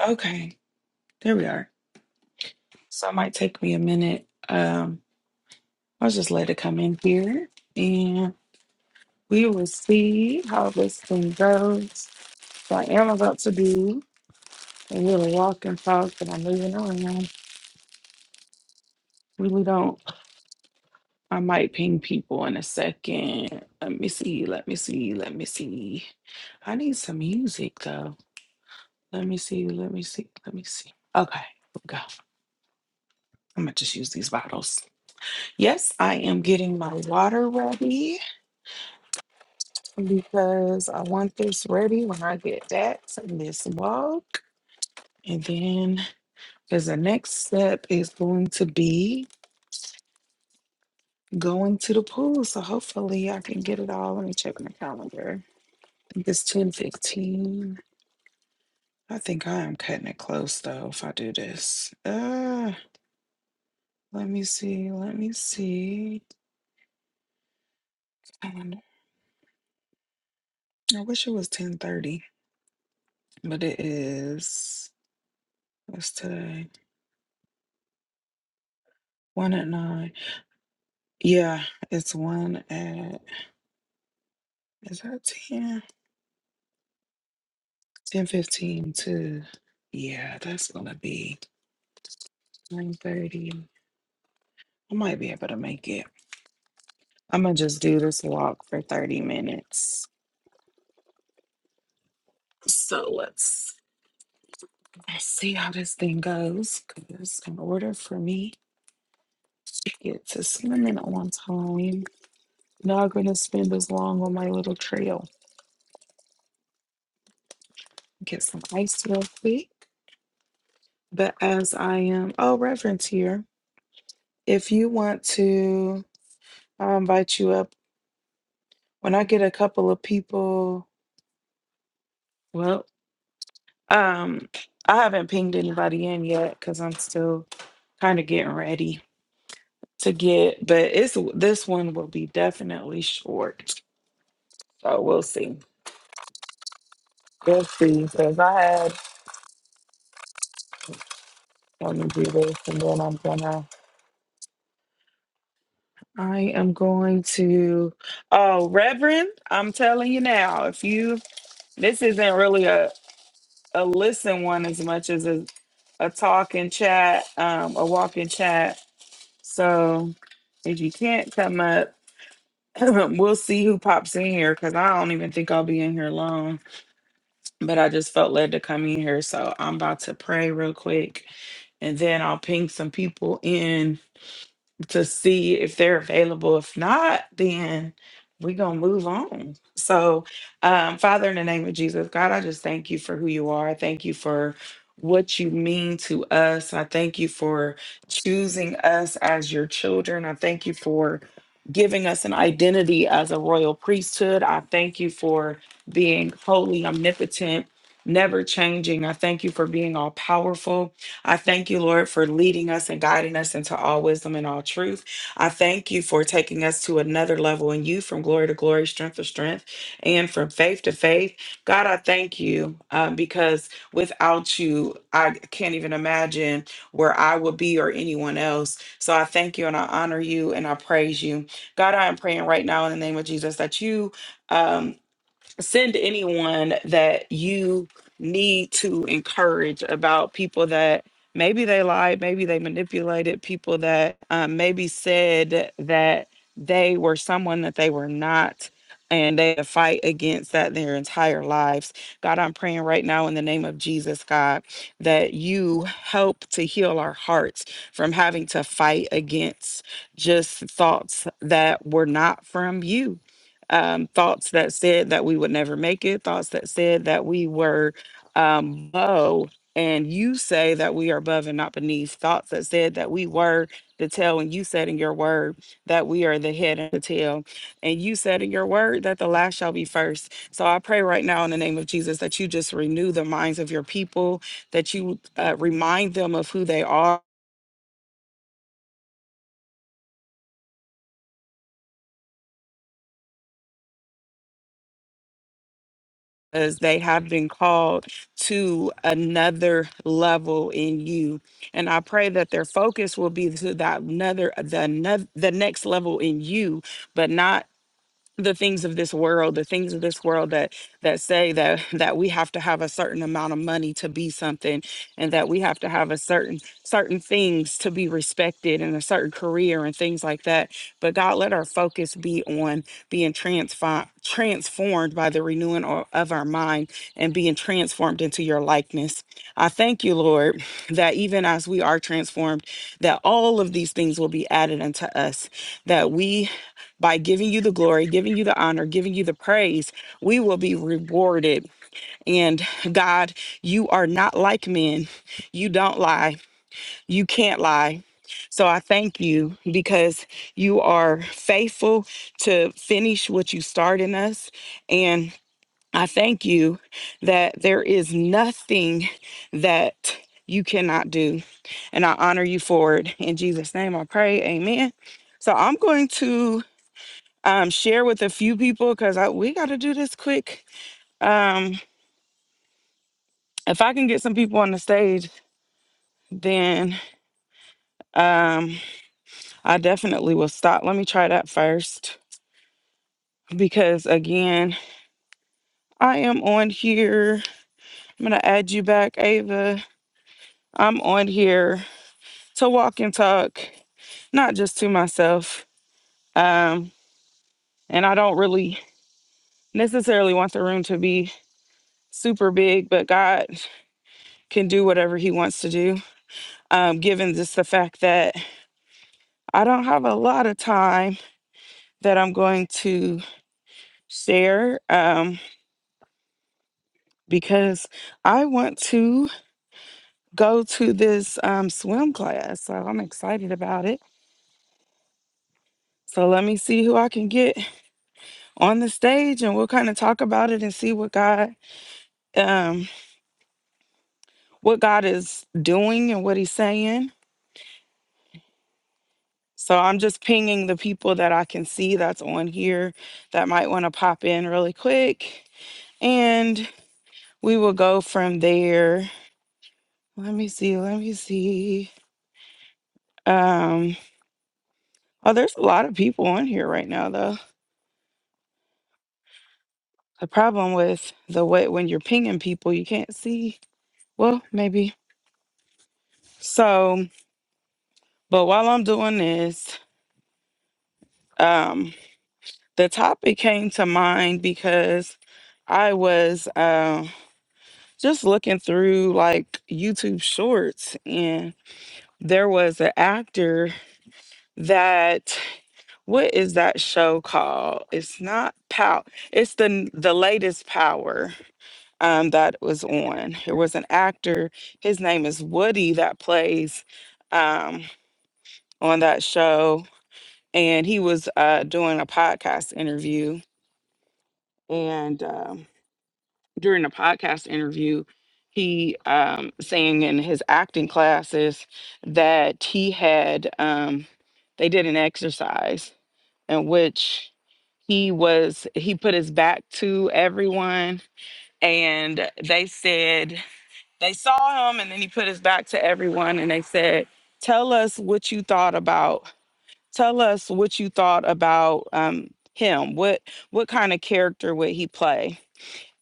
Okay, there we are. So it might take me a minute. Um, I'll just let it come in here and we will see how this thing goes. So I am about to do a little walk and talk, but I'm moving around. Really don't. I might ping people in a second. Let me see. Let me see. Let me see. I need some music though. Let me see. Let me see. Let me see. Okay, here we go. I'm gonna just use these bottles. Yes, I am getting my water ready. because I want this ready when I get that this walk. And then, because the next step is going to be going to the pool. So hopefully I can get it all. Let me check my calendar. I think it's 10 15. I think I am cutting it close though if I do this. Uh, let me see. Let me see. Calendar. I wish it was 10 30, but it is. What's today? One at nine. Yeah, it's one at Is that 10? 10 fifteen to, yeah, that's gonna be nine thirty. I might be able to make it. I'm gonna just do this walk for 30 minutes. So let's, let's see how this thing goes. Because in order for me to get to swimming on time, not gonna spend as long on my little trail. Get some ice real quick. But as I am, oh, Reverend's here. If you want to, I'll invite you up When I get a couple of people, well, um, I haven't pinged anybody in yet because I'm still kind of getting ready to get, but it's this one will be definitely short. So we'll see. We'll see. Because I had let me do this and then I'm gonna I am going to oh Reverend, I'm telling you now, if you this isn't really a, a listen one as much as a, a talk and chat, um, a walk and chat. So if you can't come up, we'll see who pops in here because I don't even think I'll be in here long. But I just felt led to come in here. So I'm about to pray real quick and then I'll ping some people in to see if they're available. If not, then we're going to move on. So, um, Father, in the name of Jesus, God, I just thank you for who you are. I Thank you for what you mean to us. I thank you for choosing us as your children. I thank you for giving us an identity as a royal priesthood. I thank you for being holy, omnipotent, never changing. I thank you for being all powerful. I thank you, Lord, for leading us and guiding us into all wisdom and all truth. I thank you for taking us to another level in you from glory to glory, strength to strength, and from faith to faith. God, I thank you um, because without you, I can't even imagine where I would be or anyone else. So I thank you and I honor you and I praise you. God, I am praying right now in the name of Jesus that you. Um, send anyone that you need to encourage about people that maybe they lied, maybe they manipulated people that um, maybe said that they were someone that they were not. And they had to fight against that their entire lives. God, I'm praying right now in the name of Jesus, God, that you help to heal our hearts from having to fight against just thoughts that were not from you um, thoughts that said that we would never make it, thoughts that said that we were um, low, and you say that we are above and not beneath, thoughts that said that we were the tail, and you said in your word that we are the head and the tail, and you said in your word that the last shall be first. So I pray right now in the name of Jesus that you just renew the minds of your people, that you uh, remind them of who they are because they have been called to another level in you and i pray that their focus will be to that another the another the next level in you but not the things of this world the things of this world that that say that that we have to have a certain amount of money to be something and that we have to have a certain certain things to be respected and a certain career and things like that but god let our focus be on being transformed transformed by the renewing o- of our mind and being transformed into your likeness i thank you lord that even as we are transformed that all of these things will be added unto us that we by giving you the glory, giving you the honor, giving you the praise, we will be rewarded. And God, you are not like men. You don't lie. You can't lie. So I thank you because you are faithful to finish what you start in us. And I thank you that there is nothing that you cannot do. And I honor you for it. In Jesus' name I pray. Amen. So I'm going to um, share with a few people because I we got to do this quick. Um, if I can get some people on the stage, then um, I definitely will stop. Let me try that first because, again, I am on here. I'm going to add you back, Ava. I'm on here to walk and talk, not just to myself. Um, and I don't really necessarily want the room to be super big, but God can do whatever He wants to do um, given just the fact that I don't have a lot of time that I'm going to share um, because I want to go to this um, swim class. So I'm excited about it. So let me see who I can get on the stage and we'll kind of talk about it and see what God um, what God is doing and what he's saying. So I'm just pinging the people that I can see that's on here that might want to pop in really quick and we will go from there Let me see. Let me see. Um, oh, there's a lot of people on here right now, though. The problem with the way when you're pinging people, you can't see. Well, maybe. So, but while I'm doing this, um, the topic came to mind because I was uh, just looking through like YouTube shorts and there was an actor that What is that show called? It's not Pow. It's the the latest Power um, that was on. There was an actor. His name is Woody that plays um, on that show, and he was uh, doing a podcast interview. And um, during the podcast interview, he um, saying in his acting classes that he had um, they did an exercise in which he was he put his back to everyone and they said they saw him and then he put his back to everyone and they said tell us what you thought about tell us what you thought about um, him what what kind of character would he play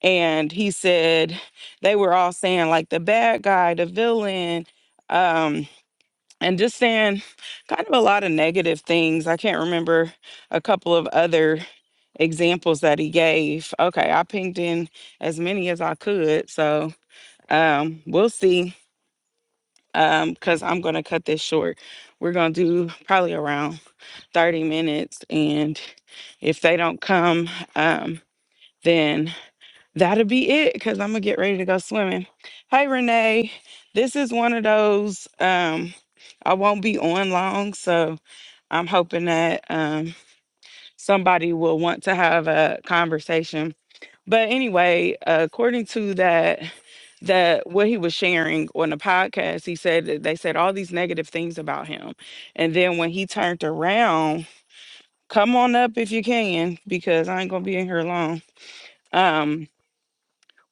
and he said they were all saying like the bad guy the villain um and just saying kind of a lot of negative things. I can't remember a couple of other examples that he gave. Okay, I pinged in as many as I could. So um, we'll see because I'm going to cut this short. We're going to do probably around 30 minutes. And if they don't come, um, then that'll be it because I'm going to get ready to go swimming. Hey, Renee, this is one of those. Um, I won't be on long. So I'm hoping that um, somebody will want to have a conversation. But anyway, according to that, that what he was sharing on the podcast, he said that they said all these negative things about him, and then when he turned around, come on up if you can, because I ain't gonna be in here long. Um,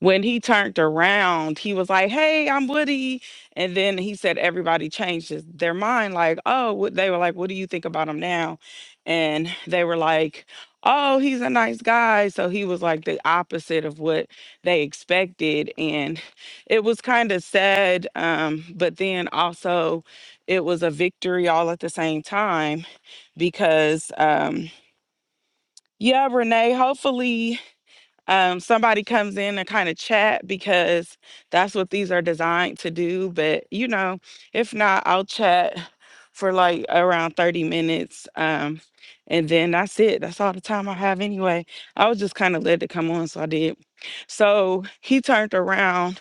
when he turned around, he was like, "Hey, I'm Woody," and then he said everybody changed his, their mind. Like, oh, what, they were like, "What do you think about him now?" And they were like, "Oh, he's a nice guy." So he was like the opposite of what they expected, and it was kind of sad. Um, but then also, it was a victory all at the same time because. Um, yeah, Renee. Hopefully, um, somebody comes in and kind of chat because that's what these are designed to do. But you know, if not, I'll chat for like around 30 minutes. Um, and then that's it. That's all the time I have anyway. I was just kind of led to come on, so I did. So he turned around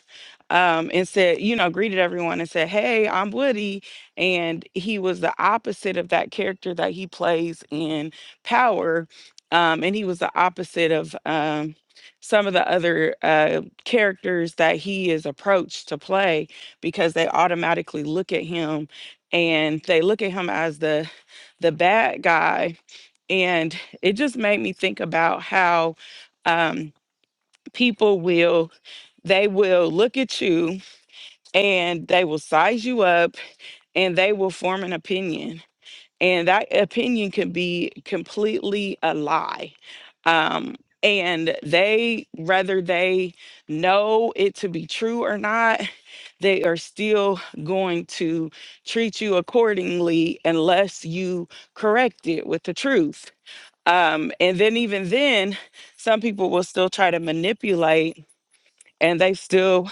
um, and said, you know, greeted everyone and said, Hey, I'm Woody. And he was the opposite of that character that he plays in Power. Um, and he was the opposite of um, some of the other uh, characters that he is approached to play because they automatically look at him and they look at him as the the bad guy. And it just made me think about how um, people will, they will look at you and they will size you up and they will form an opinion and that opinion can be completely a lie um and they whether they know it to be true or not they are still going to treat you accordingly unless you correct it with the truth um and then even then some people will still try to manipulate and they still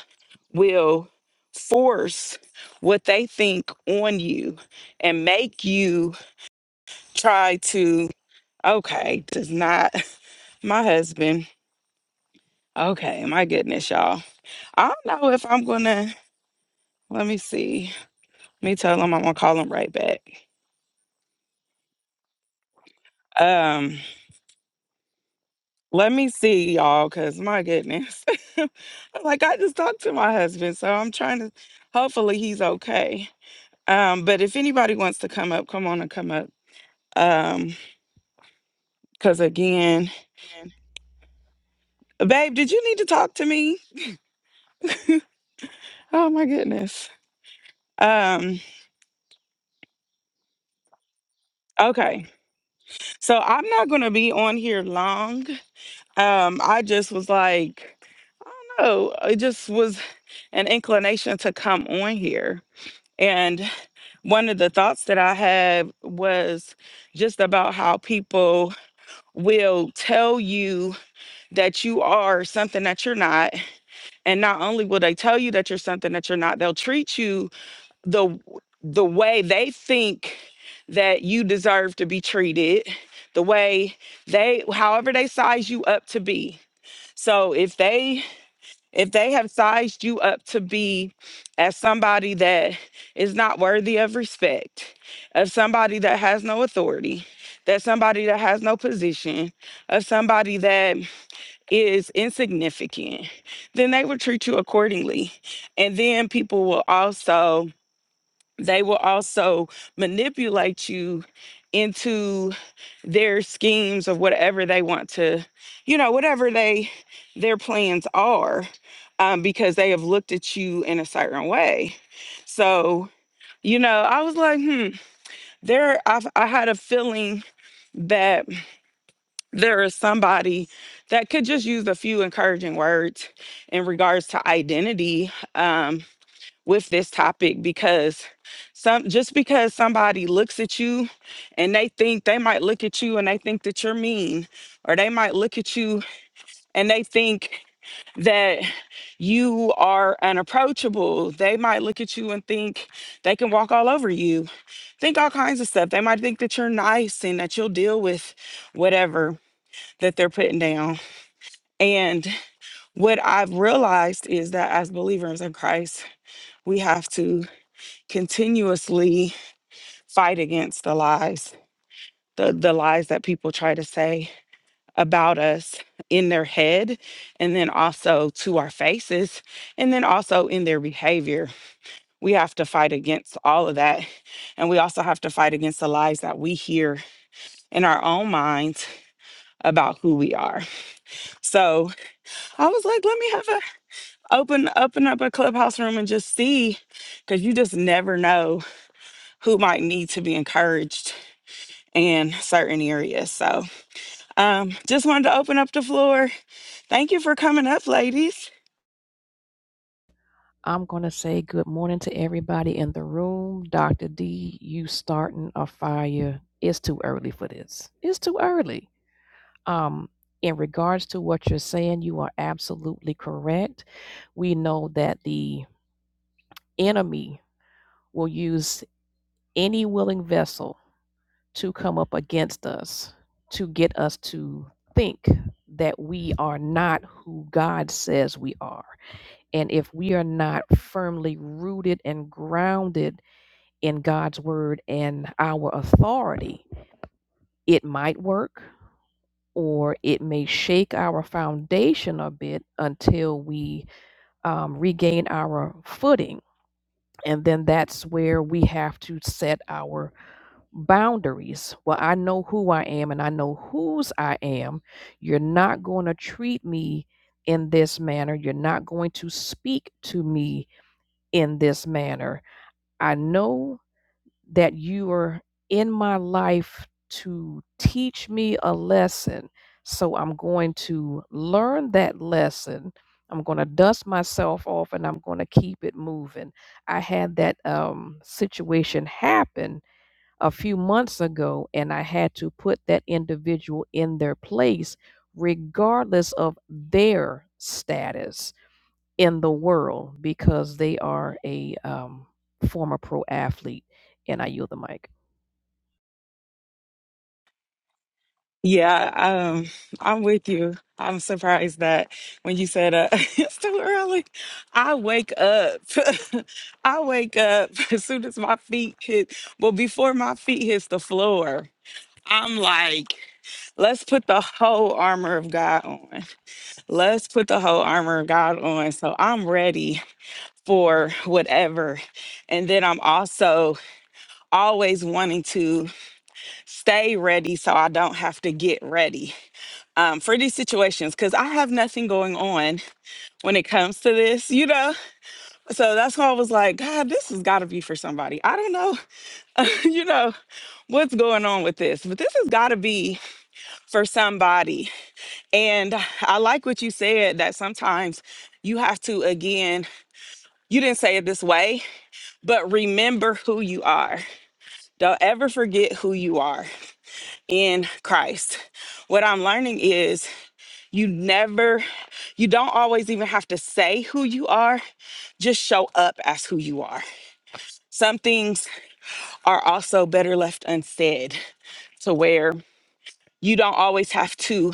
will force what they think on you and make you try to okay does not my husband okay my goodness y'all i don't know if i'm gonna let me see let me tell him i'm gonna call him right back um let me see y'all because my goodness like i just talked to my husband so i'm trying to hopefully he's okay um but if anybody wants to come up come on and come up um because again Babe, did you need to talk to me? Oh my goodness. Um, okay. So I'm not gonna be on here long. Um, I just was like, no, it just was an inclination to come on here. And one of the thoughts that I had was just about how people will tell you that you are something that you're not. And not only will they tell you that you're something that you're not, they'll treat you the the way they think that you deserve to be treated the way they however they size you up to be so if they if they have sized you up to be as somebody that is not worthy of respect as somebody that has no authority that somebody that has no position of somebody that is insignificant then they will treat you accordingly and then people will also they will also manipulate you into their schemes of whatever they want to you know whatever they their plans are um, because they have looked at you in a certain way so you know i was like hmm there I've, i had a feeling that there is somebody that could just use a few encouraging words in regards to identity um, with this topic because some just because somebody looks at you and they think they might look at you and they think that you're mean or they might look at you and they think that you are unapproachable they might look at you and think they can walk all over you think all kinds of stuff they might think that you're nice and that you'll deal with whatever that they're putting down and what i've realized is that as believers in christ we have to continuously fight against the lies, the, the lies that people try to say about us in their head, and then also to our faces, and then also in their behavior. We have to fight against all of that. And we also have to fight against the lies that we hear in our own minds about who we are. So I was like, let me have a open open up a clubhouse room and just see, because you just never know who might need to be encouraged in certain areas. So Um, just wanted to open up the floor. Thank you for coming up, ladies. I'm going to say good morning to everybody in the room. Dr. D, you starting a fire. It's too early for this. It's too early. Um, in regards to what you're saying, you are absolutely correct. We know that the enemy will use any willing vessel to come up against us to get us to think that we are not who God says we are. And if we are not firmly rooted and grounded, in God's word and our authority, it might work or it may shake our foundation a bit until we um, regain our footing. And then that's where we have to set our boundaries. Well, I know who I am and I know whose I am. You're not going to treat me in this manner. You're not going to speak to me in this manner. I know that you are in my life to teach me a lesson. So I'm going to learn that lesson. I'm going to dust myself off and I'm going to keep it moving. I had that um, situation happen a few months ago, and I had to put that individual in their place, regardless of their status in the world because they are a um, former pro athlete. And I yield the mic. Yeah, um, I'm with you. I'm surprised that when you said uh, it's too early, I wake up. I wake up as soon as my feet hit, well, before my feet hits the floor. I'm like, let's put the whole armor of God on. Let's put the whole armor of God on. So I'm ready for whatever. And then I'm also always wanting to. stay ready so I don't have to get ready um, for these situations because I have nothing going on when it comes to this, you know? So that's why I was like, God, this has got to be for somebody. I don't know, you know, what's going on with this, but this has got to be for somebody. And I like what you said that sometimes you have to, again, you didn't say it this way, but remember who you are. Don't ever forget who you are in Christ. What I'm learning is You never, you don't always even have to say who you are, just show up as who you are. Some things are also better left unsaid to where you don't always have to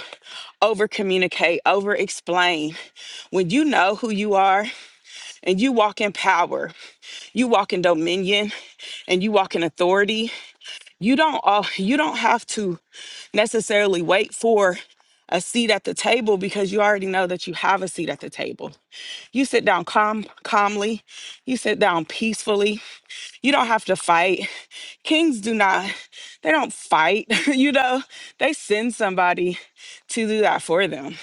over communicate, over explain. When you know who you are and you walk in power, you walk in dominion and you walk in authority, you don't all you don't have to necessarily wait for a seat at the table because you already know that you have a seat at the table. You sit down calm, calmly. You sit down peacefully. You don't have to fight. Kings do not, they don't fight. you know, they send somebody to do that for them.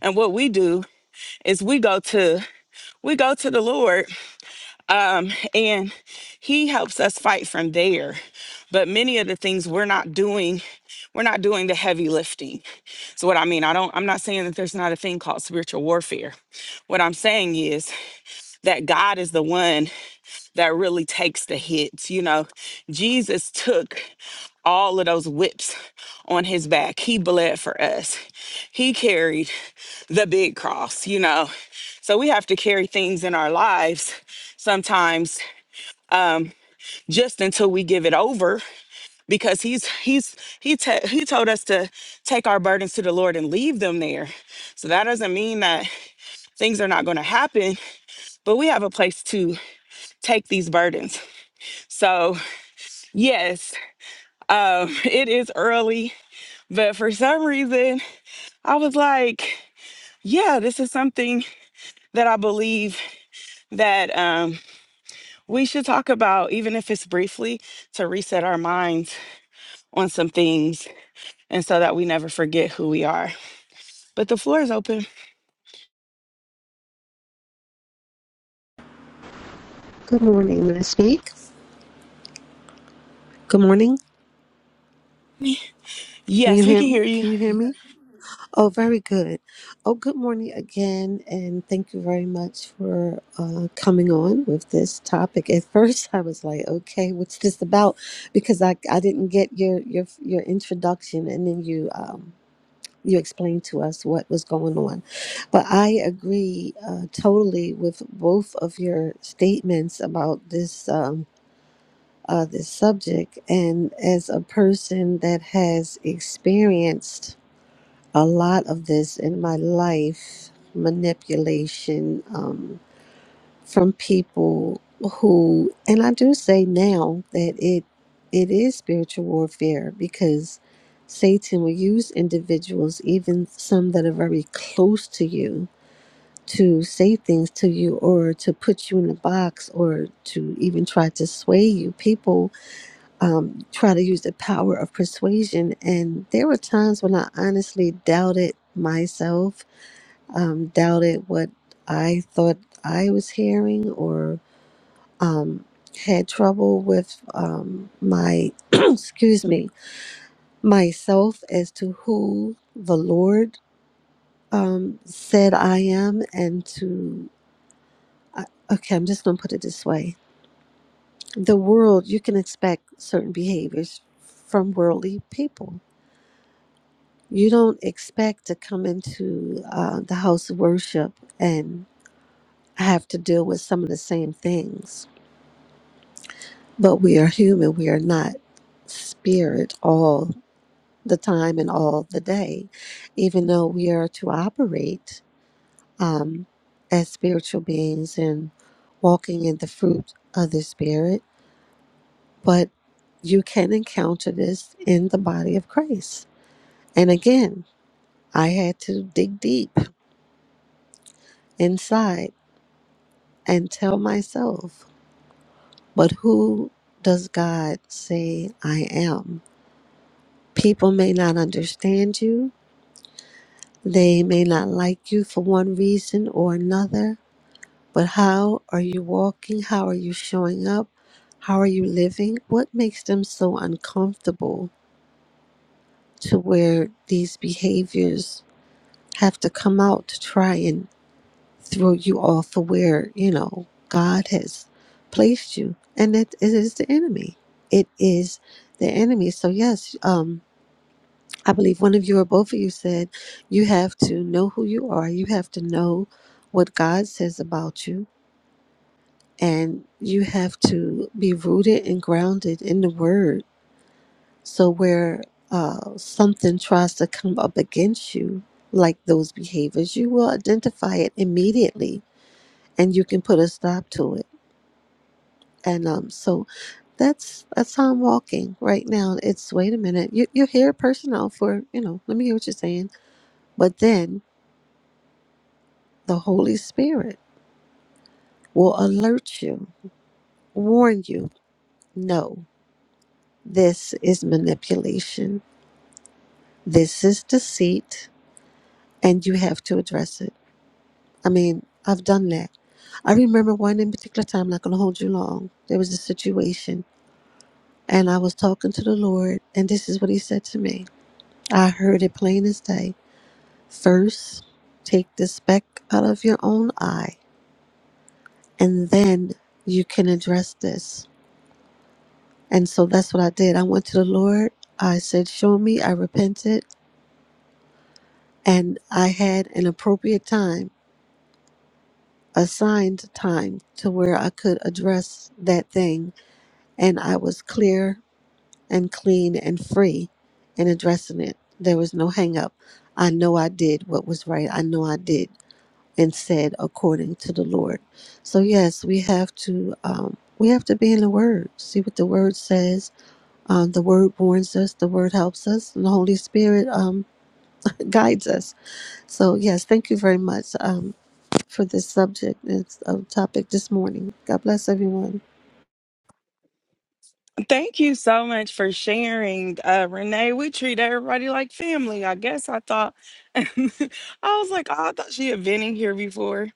And what we do is we go to, we go to the Lord and he helps us fight from there. But many of the things we're not doing, we're not doing the heavy lifting. So what I mean, I don't I'm not saying that there's not a thing called spiritual warfare. What I'm saying is that God is the one. that really takes the hits. You know, Jesus took all of those whips on his back. He bled for us. He carried the big cross, you know. So we have to carry things in our lives sometimes just until we give it over because he's he's he te- he told us to take our burdens to the Lord and leave them there. So that doesn't mean that things are not going to happen, but we have a place to take these burdens. So, yes, Um, it is early, but for some reason, I was like, yeah, this is something that I believe that um, we should talk about, even if it's briefly, to reset our minds on some things and so that we never forget who we are. But the floor is open. Good morning, Miss Speak. Good morning. Can you Yes, we hear can me? hear you. Can you hear me? Oh, very good. Oh, good morning again, and thank you very much for uh, coming on with this topic. At first, I was like, "Okay, what's this about?" Because I, I didn't get your your your introduction, and then you um, you explained to us what was going on. But I agree uh, totally with both of your statements about this. Um, uh, this subject. And as a person that has experienced a lot of this in my life, manipulation um, from people who, and I do say now that it it is spiritual warfare because Satan will use individuals, even some that are very close to you, to say things to you or to put you in a box or to even try to sway you. People um, try to use the power of persuasion. And there were times when I honestly doubted myself, um, doubted what I thought I was hearing, or um, had trouble with um, my, excuse me, myself as to who the Lord um, said I am, and to, I- okay, I'm just going to put it this way the world, you can expect certain behaviors from worldly people you don't expect to come into uh, the house of worship and have to deal with some of the same things. But we are human, we are not spirit all the time and all the day, even though we are to operate um, as spiritual beings and walking in the fruit of the spirit. But you can encounter this in the body of Christ. And again, I had to dig deep inside and tell myself, but who does God say I am? People may not understand you, they may not like you for one reason or another, but how are you walking? How are you showing up? How are you living? What makes them so uncomfortable to where these behaviors have to come out to try and throw you off of where, you know, God has placed you. And it, it is the enemy. It is the enemy. So, yes, um, I believe one of you or both of you said you have to know who you are, you have to know what God says about you, and you have to be rooted and grounded in the word. So, where uh, something tries to come up against you, like those behaviors, you will identify it immediately and you can put a stop to it And um, so that's that's how I'm walking right now. It's wait a minute, you you hear personnel for you know. Let me hear what you're saying, but then the Holy Spirit will alert you, warn you. No, this is manipulation. This is deceit, and you have to address it. I mean, I've done that. I remember one in particular time. Not gonna hold you long. There was a situation, and I was talking to the Lord, and this is what He said to me. I heard it plain as day. First, take the speck out of your own eye, and then you can address this. And so that's what I did. I went to the Lord. I said, Show me. I repented. And I had an appropriate time, assigned time to where I could address that thing. And I was clear and clean and free in addressing it. There was no hang up. I know I did what was right. I know I did. and said according to the Lord. So yes, we have to um, we have to be in the Word, see what the Word says. Um, the Word warns us, the Word helps us, and the Holy Spirit um, guides us. So yes, thank you very much um, for this subject and uh, topic this morning. God bless everyone. Thank you so much for sharing, uh, Renee. We treat everybody like family. I guess I thought, I was like, oh, I thought she had been in here before.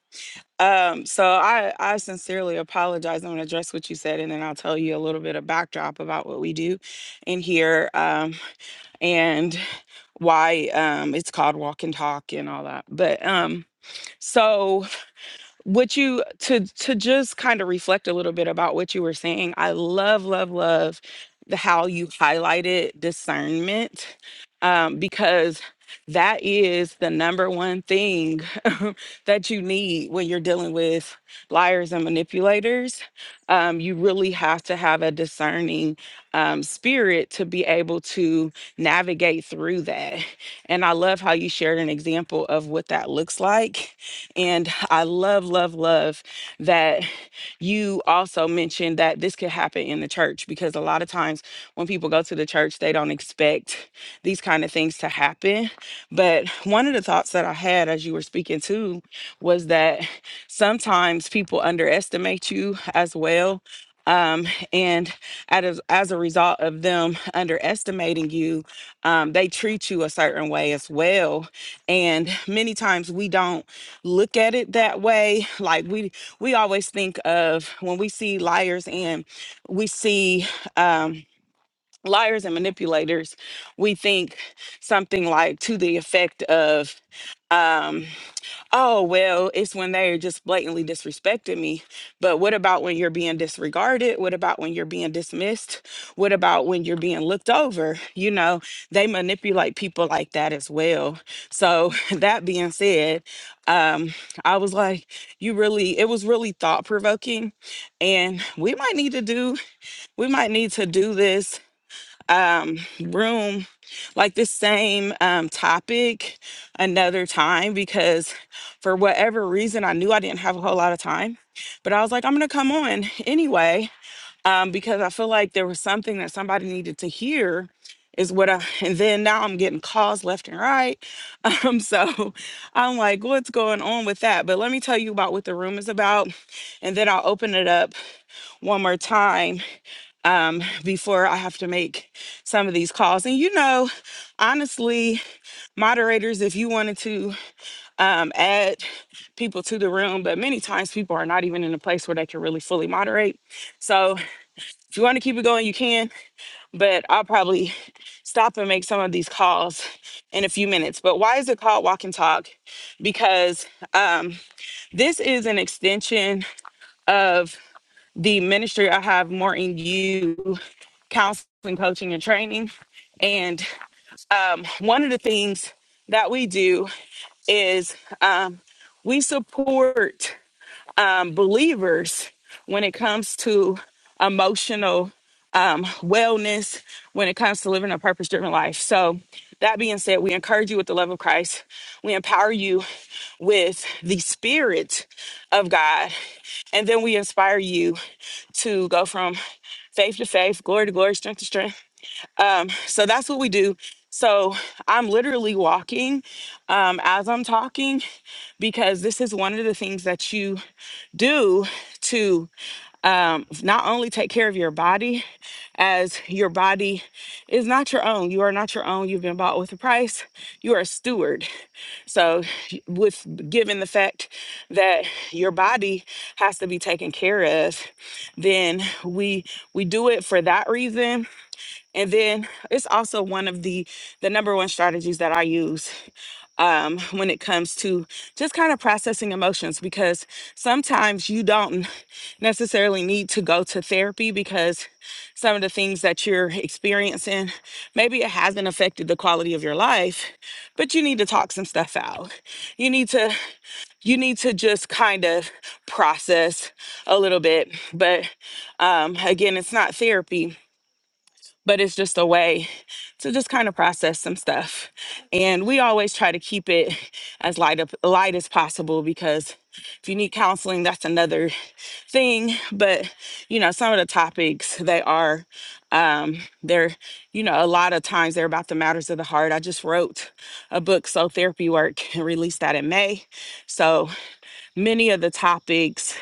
Um, so I, I sincerely apologize. I'm gonna address what you said and then I'll tell you a little bit of backdrop about what we do in here um, and why um, it's called walk and talk and all that. But um, so what you to to just kind of reflect a little bit about what you were saying i love love love the how you highlighted discernment um, because that is the number one thing that you need when you're dealing with liars and manipulators um, you really have to have a discerning um, spirit to be able to navigate through that and i love how you shared an example of what that looks like and I love, love, love that you also mentioned that this could happen in the church because a lot of times when people go to the church, they don't expect these kind of things to happen. But one of the thoughts that I had as you were speaking to was that sometimes people underestimate you as well. Um, and as, as a result of them underestimating you, um, they treat you a certain way as well. And many times we don't look at it that way like we we always think of when we see liars and we see um liars and manipulators we think something like to the effect of um Oh, well, it's when they just blatantly disrespected me. But what about when you're being disregarded? What about when you're being dismissed? What about when you're being looked over? You know, they manipulate people like that as well. So, that being said, um, I was like, you really, it was really thought provoking. And we might need to do, we might need to do this um, room, like this same um, topic another time because for whatever reason, I knew I didn't have a whole lot of time. But I was like, I'm going to come on anyway um, because I feel like there was something that somebody needed to hear. Is what I, and then now I'm getting calls left and right. Um, so I'm like, what's going on with that? But let me tell you about what the room is about, and then I'll open it up one more time um, before I have to make some of these calls. And you know, honestly, moderators, if you wanted to um, add people to the room, but many times people are not even in a place where they can really fully moderate. So if you want to keep it going, you can, but I'll probably stop and make some of these calls in a few minutes. But why is it called Walk and Talk? Because um, this is an extension of the ministry I have, Morton You counseling, coaching, and training. And um, one of the things that we do is um, we support um, believers when it comes to emotional um, wellness, when it comes to living a purpose driven life. So, that being said, we encourage you with the love of Christ, we empower you with the Spirit of God, and then we inspire you to go from faith to faith, glory to glory, strength to strength um, so that's what we do. So I'm literally walking um, as I'm talking because this is one of the things that you do to um, not only take care of your body, as your body is not your own. You are not your own. You've been bought with a price. You are a steward. So, y- with given the fact that your body has to be taken care of, then we we do it for that reason and then it's also one of the the number one strategies that I use um, when it comes to just kind of processing emotions because sometimes you don't necessarily need to go to therapy because some of the things that you're experiencing maybe it hasn't affected the quality of your life, but you need to talk some stuff out. You need to you need to just kind of process a little bit. But um, again, it's not therapy but it's just a way to just kind of process some stuff. And we always try to keep it as light up, light as possible because if you need counseling, that's another thing. But you know, some of the topics they are um they're you know a lot of times they're about the matters of the heart i just wrote a book so therapy work and released that in may so many of the topics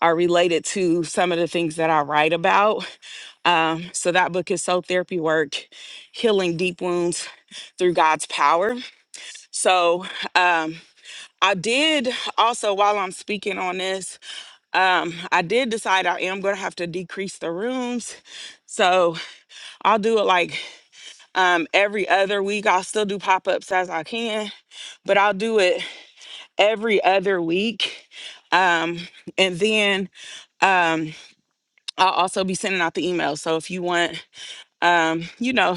are related to some of the things that i write about um, so that book is Soul Therapy Work, Healing Deep Wounds Through God's Power. So um, I did also, while I'm speaking on this, um, I did decide I am going to have to decrease the rooms. So I'll do it like um, every other week. I'll still do pop ups as I can, but I'll do it every other week. Um, and then um, I'll also be sending out the email. So if you want, um, you know,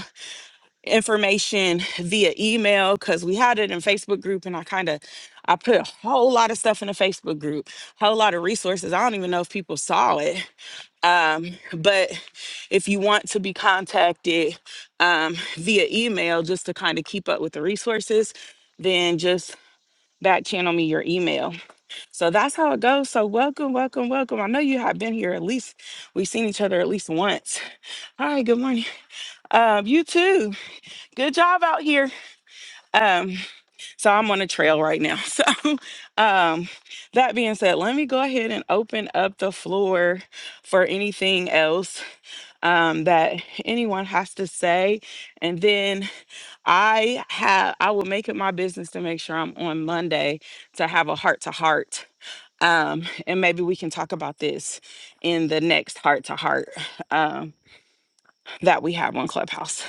information via email because we had it in Facebook group and I kind of I put a whole lot of stuff in the Facebook group, whole lot of resources. I don't even know if people saw it. Um, but if you want to be contacted um, via email just to kind of keep up with the resources, then just back channel me your email. So that's how it goes. So welcome, welcome, welcome. I know you have been here at least we've seen each other at least once. All right, good morning. Um, you too. Good job out here. Um, so I'm on a trail right now. So um that being said, let me go ahead and open up the floor for anything else um that anyone has to say. And then I have I will make it my business to make sure I'm on Monday to have a heart to heart. Um, and maybe we can talk about this in the next heart to heart um that we have on Clubhouse.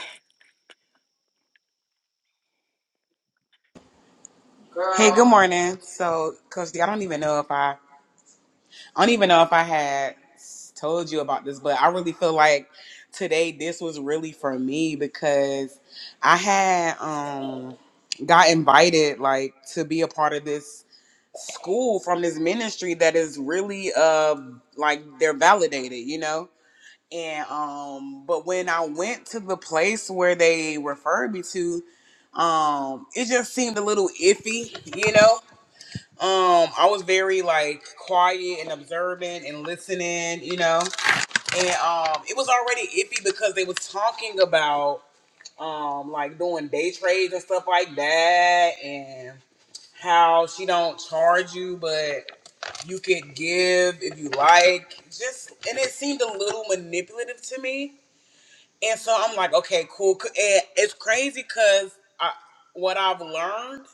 Hey, good morning. So, Coach D, I don't even know if I, I don't even know if I had told you about this, but I really feel like today this was really for me because I had um got invited like to be a part of this school from this ministry that is really uh like they're validated, you know. And um, but when I went to the place where they referred me to, um, it just seemed a little iffy, you know um, I was very like quiet and observant and listening, you know. And um, it was already iffy because they was talking about um like doing day trades and stuff like that, and how she don't charge you, but you could give if you like. Just and it seemed a little manipulative to me. And so I'm like, okay, cool. C- And it's crazy because I what I've learned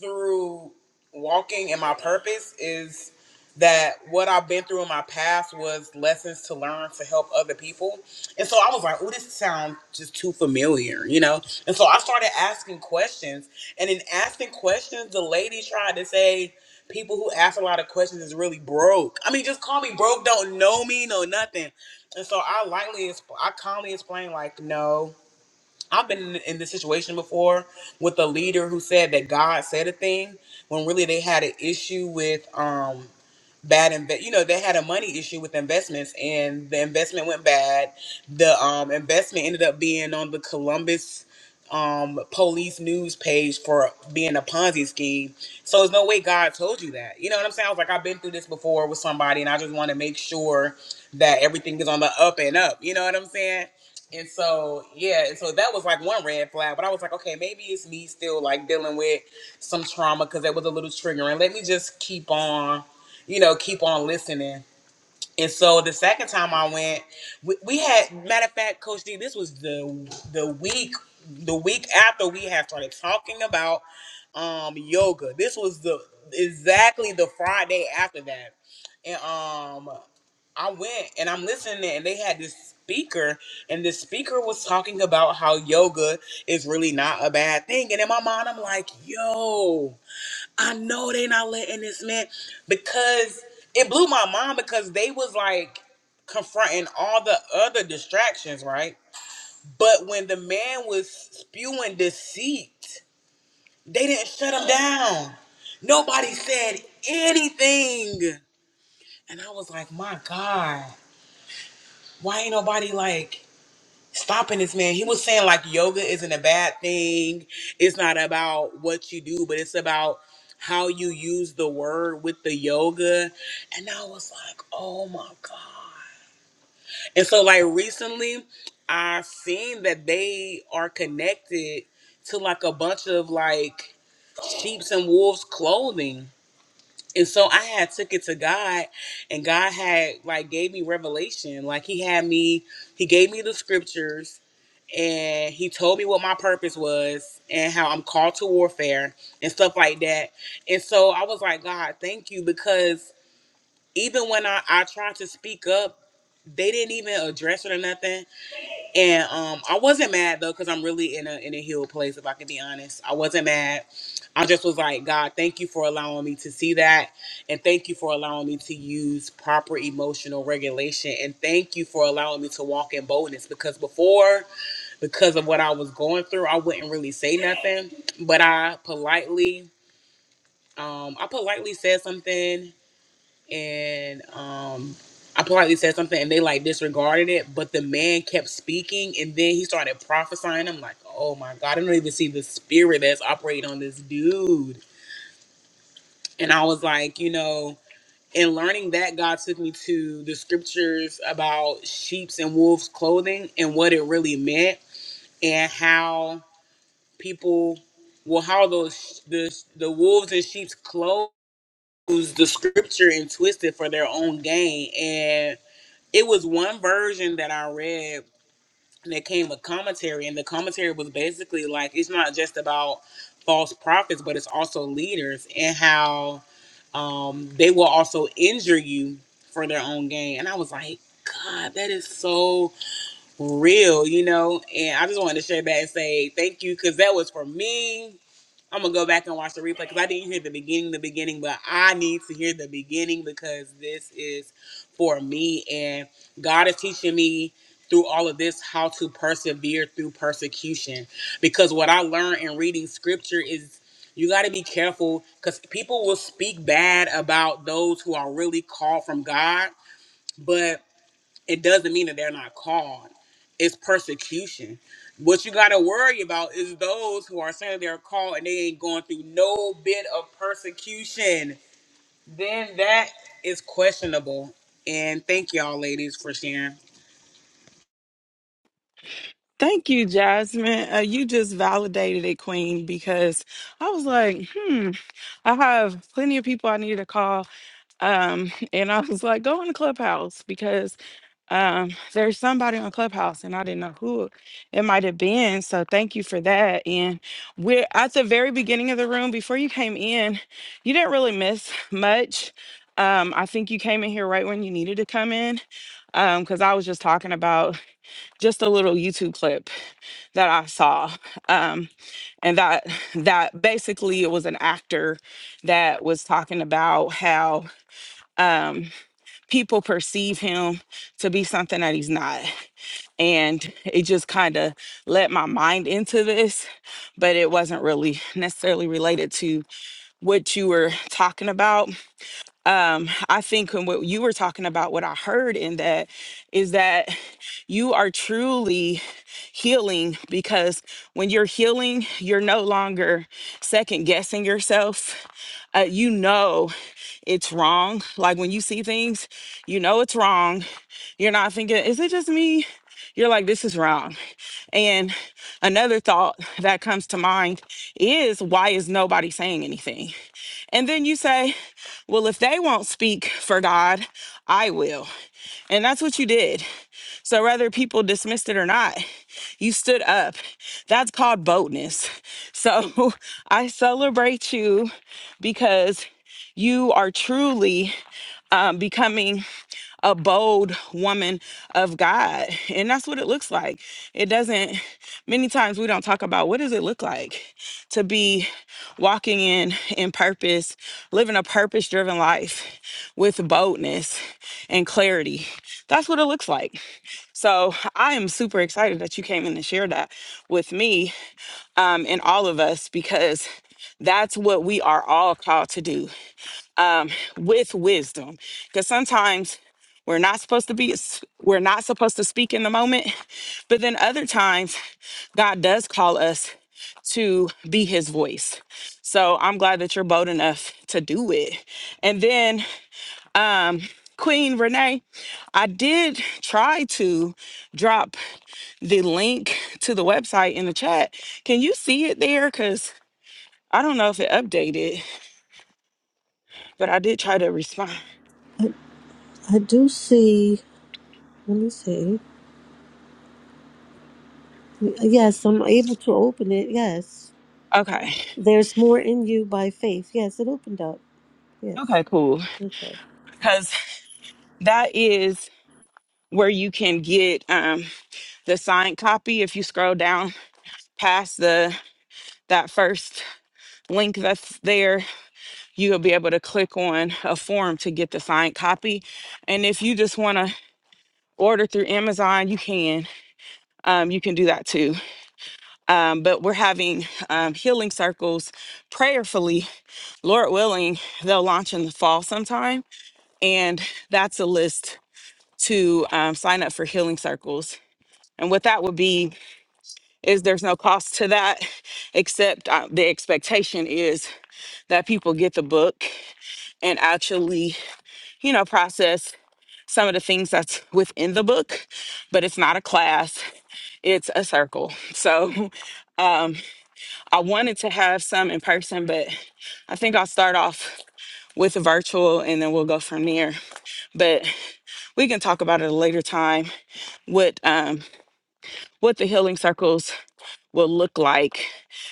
through walking and my purpose is that what I've been through in my past was lessons to learn to help other people. And so I was like, oh, this sounds just too familiar, you know? And so I started asking questions. And in asking questions, the lady tried to say, people who ask a lot of questions is really broke. I mean, just call me broke, don't know me, know nothing. And so I lightly, exp- I calmly explained, like, no. I've been in in this situation before with a leader who said that God said a thing when really they had an issue with um bad invest. You know, they had a money issue with investments, and the investment went bad. The um, investment ended up being on the Columbus um, police news page for being a Ponzi scheme. So there's no way God told you that. You know what I'm saying? I was like, I've been through this before with somebody, and I just want to make sure that everything is on the up and up. You know what I'm saying? And so, yeah, and so that was like one red flag. But I was like, okay, maybe it's me still like dealing with some trauma because that was a little triggering. Let me just keep on you know, keep on listening. And so the second time I went, we, we had matter of fact, Coach D, this was the the week the week after we had started talking about um yoga. This was the exactly the Friday after that. And um I went and I'm listening and they had this speaker and the speaker was talking about how yoga is really not a bad thing. And in my mind I'm like, yo, I know they not letting this man because it blew my mind because they was like confronting all the other distractions, right? But when the man was spewing deceit, they didn't shut him down. Nobody said anything. And I was like, my God, why ain't nobody like stopping this man. He was saying like yoga isn't a bad thing. It's not about what you do, but it's about how you use the word with the yoga. And I was like, oh my God. And so like recently I've seen that they are connected to like a bunch of like sheep's and wolves clothing. And so I had took it to God and God had like gave me revelation. Like he had me, he gave me the scriptures and he told me what my purpose was and how I'm called to warfare and stuff like that. And so I was like, God, thank you because even when I, I tried to speak up, they didn't even address it or nothing. And um, I wasn't mad though, cause I'm really in a in a healed place. If I can be honest, I wasn't mad. I just was like, God, thank you for allowing me to see that, and thank you for allowing me to use proper emotional regulation, and thank you for allowing me to walk in boldness. Because before, because of what I was going through, I wouldn't really say nothing, but I politely, um, I politely said something and um I politely said something and they like disregarded it, but the man kept speaking and then he started prophesying. I'm like, oh my God, I don't even see the spirit that's operating on this dude. And I was like, you know, in learning that, God took me to the scriptures about sheep's and wolves' clothing and what it really meant and how people, well, how those, the, the wolves and sheep's clothes, the scripture and twist it for their own gain. And it was one version that I read and it came with commentary, and the commentary was basically like it's not just about false prophets, but it's also leaders and how um, they will also injure you for their own gain. And I was like, God, that is so real, you know. And I just wanted to share that and say thank you because that was for me. I'm gonna go back and watch the replay because I didn't hear the beginning, the beginning, but I need to hear the beginning because this is for me, and God is teaching me through all of this how to persevere through persecution. Because what I learned in reading scripture is you got to be careful because people will speak bad about those who are really called from God, but it doesn't mean that they're not called. It's persecution. What you gotta worry about is those who are saying they're called and they ain't going through no bit of persecution. Then that is questionable. And thank y'all, ladies, for sharing. Thank you, Jasmine. Uh, you just validated it, Queen, because I was like, hmm, I have plenty of people I need to call. Um, and I was like, go on the clubhouse because Um, there's somebody on Clubhouse, and I didn't know who it might have been. So thank you for that. And we're at the very beginning of the room before you came in. You didn't really miss much. Um, I think you came in here right when you needed to come in, um, because I was just talking about just a little YouTube clip that I saw. Um, and that that basically it was an actor that was talking about how um people perceive him to be something that he's not and it just kind of let my mind into this but it wasn't really necessarily related to what you were talking about um, I think and what you were talking about, what I heard in that is that you are truly healing because when you're healing, you're no longer second guessing yourself. Uh, you know it's wrong. Like when you see things, you know it's wrong. You're not thinking, is it just me? You're like, this is wrong. And another thought that comes to mind is why is nobody saying anything? And then you say, well, if they won't speak for God, I will. And that's what you did. So whether people dismissed it or not, you stood up. That's called boldness. So I celebrate you because you are truly um, becoming a bold woman of God. And that's what it looks like. It doesn't, many times we don't talk about what does it look like to be walking in in purpose, living a purpose driven life with boldness and clarity. That's what it looks like. So I am super excited that you came in and shared that with me um, and all of us because that's what we are all called to do with wisdom because sometimes we're not supposed to be we're not supposed to speak in the moment but then other times god does call us to be his voice so i'm glad that you're bold enough to do it and then um queen renee i did try to drop the link to the website in the chat can you see it there because i don't know if it updated but i did try to respond I do see. Let me see. Yes, I'm able to open it. Yes, okay there's more in you by faith. Yes, it opened up. Yes. okay cool Okay. Because. that is where you can get um, the signed copy if you scroll down past the that first link that's there you'll be able to click on a form to get the signed copy and if you just want to order through amazon you can um, you can do that too um, but we're having um, healing circles prayerfully lord willing they'll launch in the fall sometime and that's a list to um, sign up for healing circles and what that would be is there's no cost to that except uh, the expectation is that people get the book and actually you know process some of the things that's within the book but it's not a class it's a circle so i wanted to have some in person but i think i'll start off with the virtual and then we'll go from there but we can talk about it at a later time what um what the healing circles will look like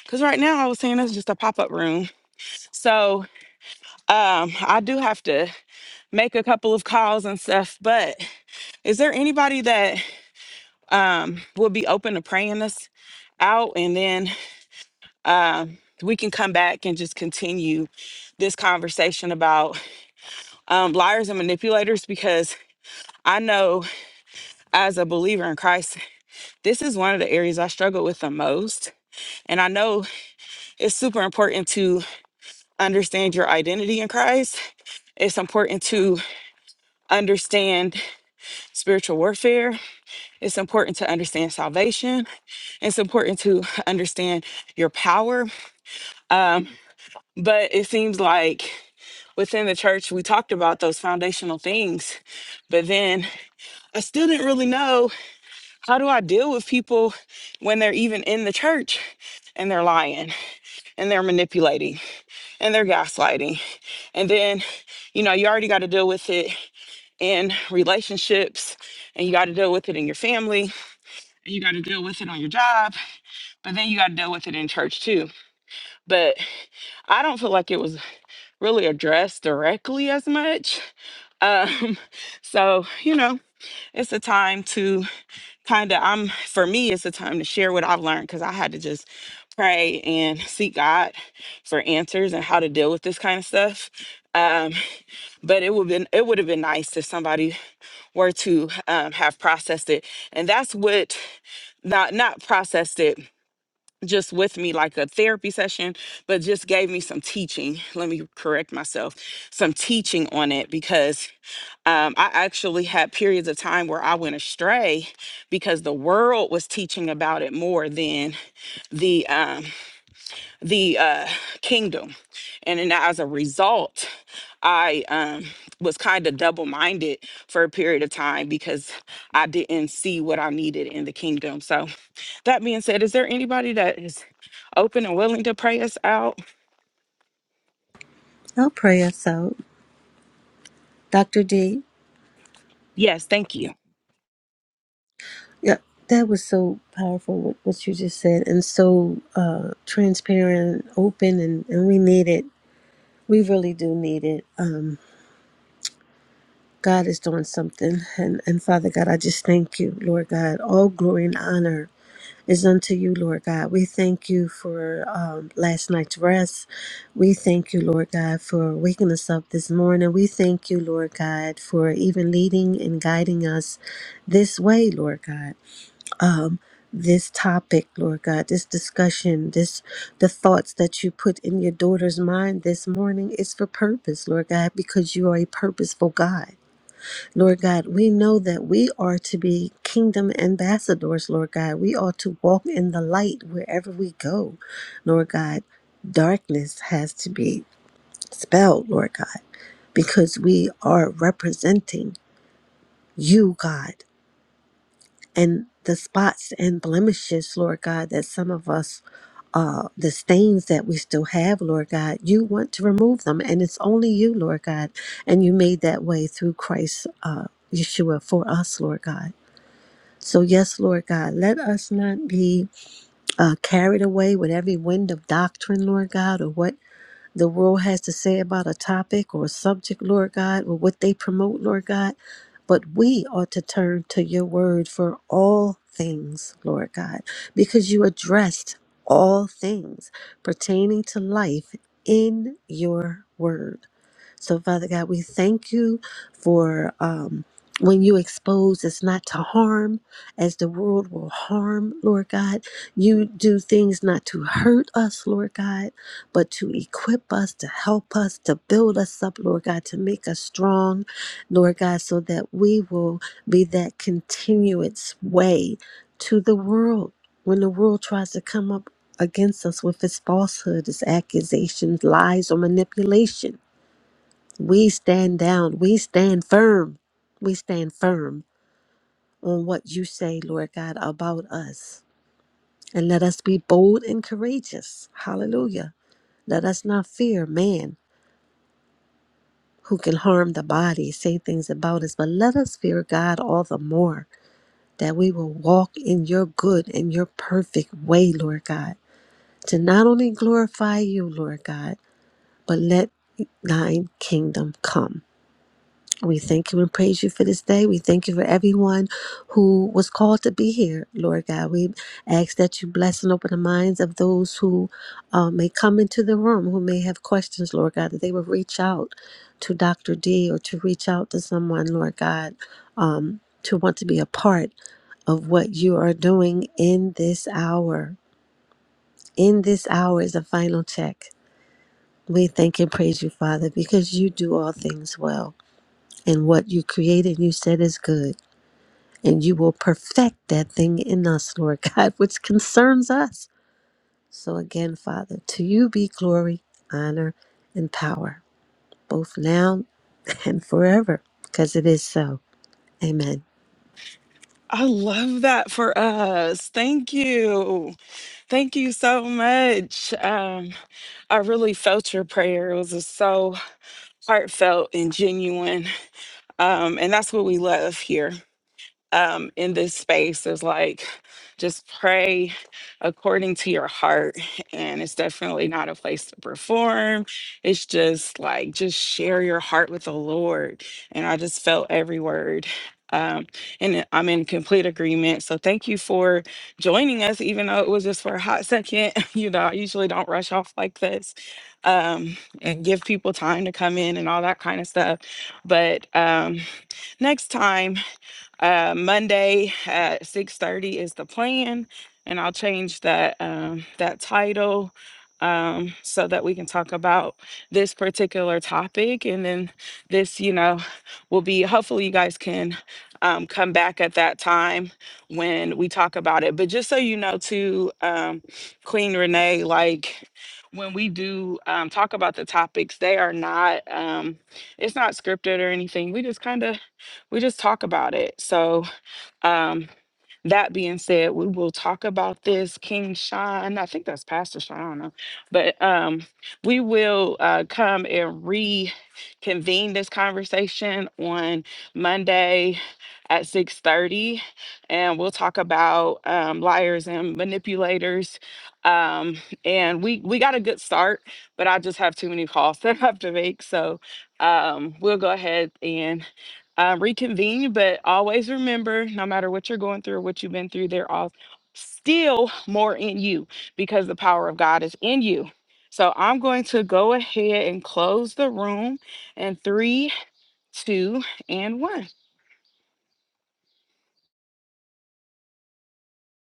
because right now i was saying that's just a pop-up room so Um, I do have to make a couple of calls and stuff, but is there anybody that um will be open to praying us out and then um we can come back and just continue this conversation about um, liars and manipulators because I know as a believer in Christ, this is one of the areas I struggle with the most. And I know it's super important to understand your identity in Christ. It's important to understand spiritual warfare It's important to understand salvation. It's important to understand your power. But it seems like within the church, we talked about those foundational things. But then I still didn't really know how do I deal with people when they're even in the church and they're lying and they're manipulating and they're gaslighting. And then, you know, you already got to deal with it in relationships and you got to deal with it in your family and you got to deal with it on your job. But then you got to deal with it in church too. but I don't feel like it was really addressed directly as much. Um, so you know, it's a time to kind of I'm for me, it's a time to share what I've learned because I had to just pray and seek God for answers and how to deal with this kind of stuff. Um, but it would been it would have been nice if somebody were to um, have processed it, and that's what not not processed it just with me like a therapy session, but just gave me some teaching. Let me correct myself some teaching on it because um, I actually had periods of time where I went astray because the world was teaching about it more than the um, the uh, kingdom, and then as a result, I um, was kind of double minded for a period of time because I didn't see what I needed in the kingdom. So that being said, is there anybody that is open and willing to pray us out? I'll pray us out. Dr. D. Yes, thank you. Yeah, that was so powerful what, what you just said, and so uh, transparent, open, and, and we need it. We really do need it. Um, God is doing something, and and Father God, I just thank you, Lord God. All glory and honor is unto you, Lord God. We thank you for um, last night's rest. We thank you, Lord God, for waking us up this morning. We thank you, Lord God, for even leading and guiding us this way, Lord God. this topic, Lord God, this discussion, this the thoughts that you put in your daughter's mind this morning is for purpose, Lord God, because you are a purposeful God. Lord God, we know that we are to be kingdom ambassadors, Lord God. We are to walk in the light wherever we go, Lord God. Darkness has to be spelled, Lord God, because we are representing you, God, and the spots and blemishes, Lord God, that some of us uh, the stains that we still have, Lord God, you want to remove them. And it's only you, Lord God. And you made that way through Christ uh, Yeshua for us, Lord God. So, yes, Lord God, let us not be uh, carried away with every wind of doctrine, Lord God, or what the world has to say about a topic or a subject, Lord God, or what they promote, Lord God. But we ought to turn to your word for all things, Lord God, because you addressed all things pertaining to life in your word. So, Father God, we thank you for um, when you expose us not to harm, as the world will harm, Lord God. You do things not to hurt us, Lord God, but to equip us, to help us, to build us up, Lord God, to make us strong, Lord God, so that we will be that continuous way to the world when the world tries to come up against us with its falsehood, its accusations, lies, or manipulation. We stand down. We stand firm. We stand firm on what you say, Lord God, about us. And let us be bold and courageous. Hallelujah. Let us not fear man who can harm the body, say things about us, but let us fear God all the more that we will walk in your good and your perfect way, Lord God, to not only glorify you, Lord God, but let thine kingdom come. We thank you and praise you for this day. We thank you for everyone who was called to be here, Lord God. We ask that you bless and open the minds of those who uh, may come into the room, who may have questions, Lord God, that they will reach out to Dr. D or to reach out to someone, Lord God, um, to want to be a part of what you are doing in this hour. In this hour is a final check. We thank and praise you, Father, because you do all things well and what you created, you said is good. And you will perfect that thing in us, Lord God, which concerns us. So again, Father, to you be glory, honor, and power, both now and forever, because it is so. Amen. I love that for us. Thank you. Thank you so much. Um, I really felt your prayer. It was just so heartfelt and genuine. Um, and that's what we love here. um, in this space is like just pray according to your heart. And it's definitely not a place to perform. It's just like, just share your heart with the Lord. And I just felt every word. Um, and I'm in complete agreement. So thank you for joining us, even though it was just for a hot second. you know, I usually don't rush off like this um, and give people time to come in and all that kind of stuff. But um, next time, uh, Monday at six thirty is the plan, and I'll change that um, that title um, so that we can talk about this particular topic, and then this, you know, will be hopefully you guys can um, come back at that time when we talk about it. But just so you know, too, um, Queen Renee, like when we do um, talk about the topics, they are not. Um, it's not scripted or anything. We just kind of we just talk about it. So, um, that being said, we will talk about this King Sean. I think that's Pastor Sean. I don't know, but um, we will uh, come and reconvene this conversation on Monday at six thirty, and we'll talk about um, liars and manipulators. Um, and we we got a good start, but I just have too many calls that I have to make, so um, we'll go ahead and um, reconvene. But always remember, no matter what you're going through or what you've been through, there are still more in you because the power of God is in you. So I'm going to go ahead and close the room in three, two, and one.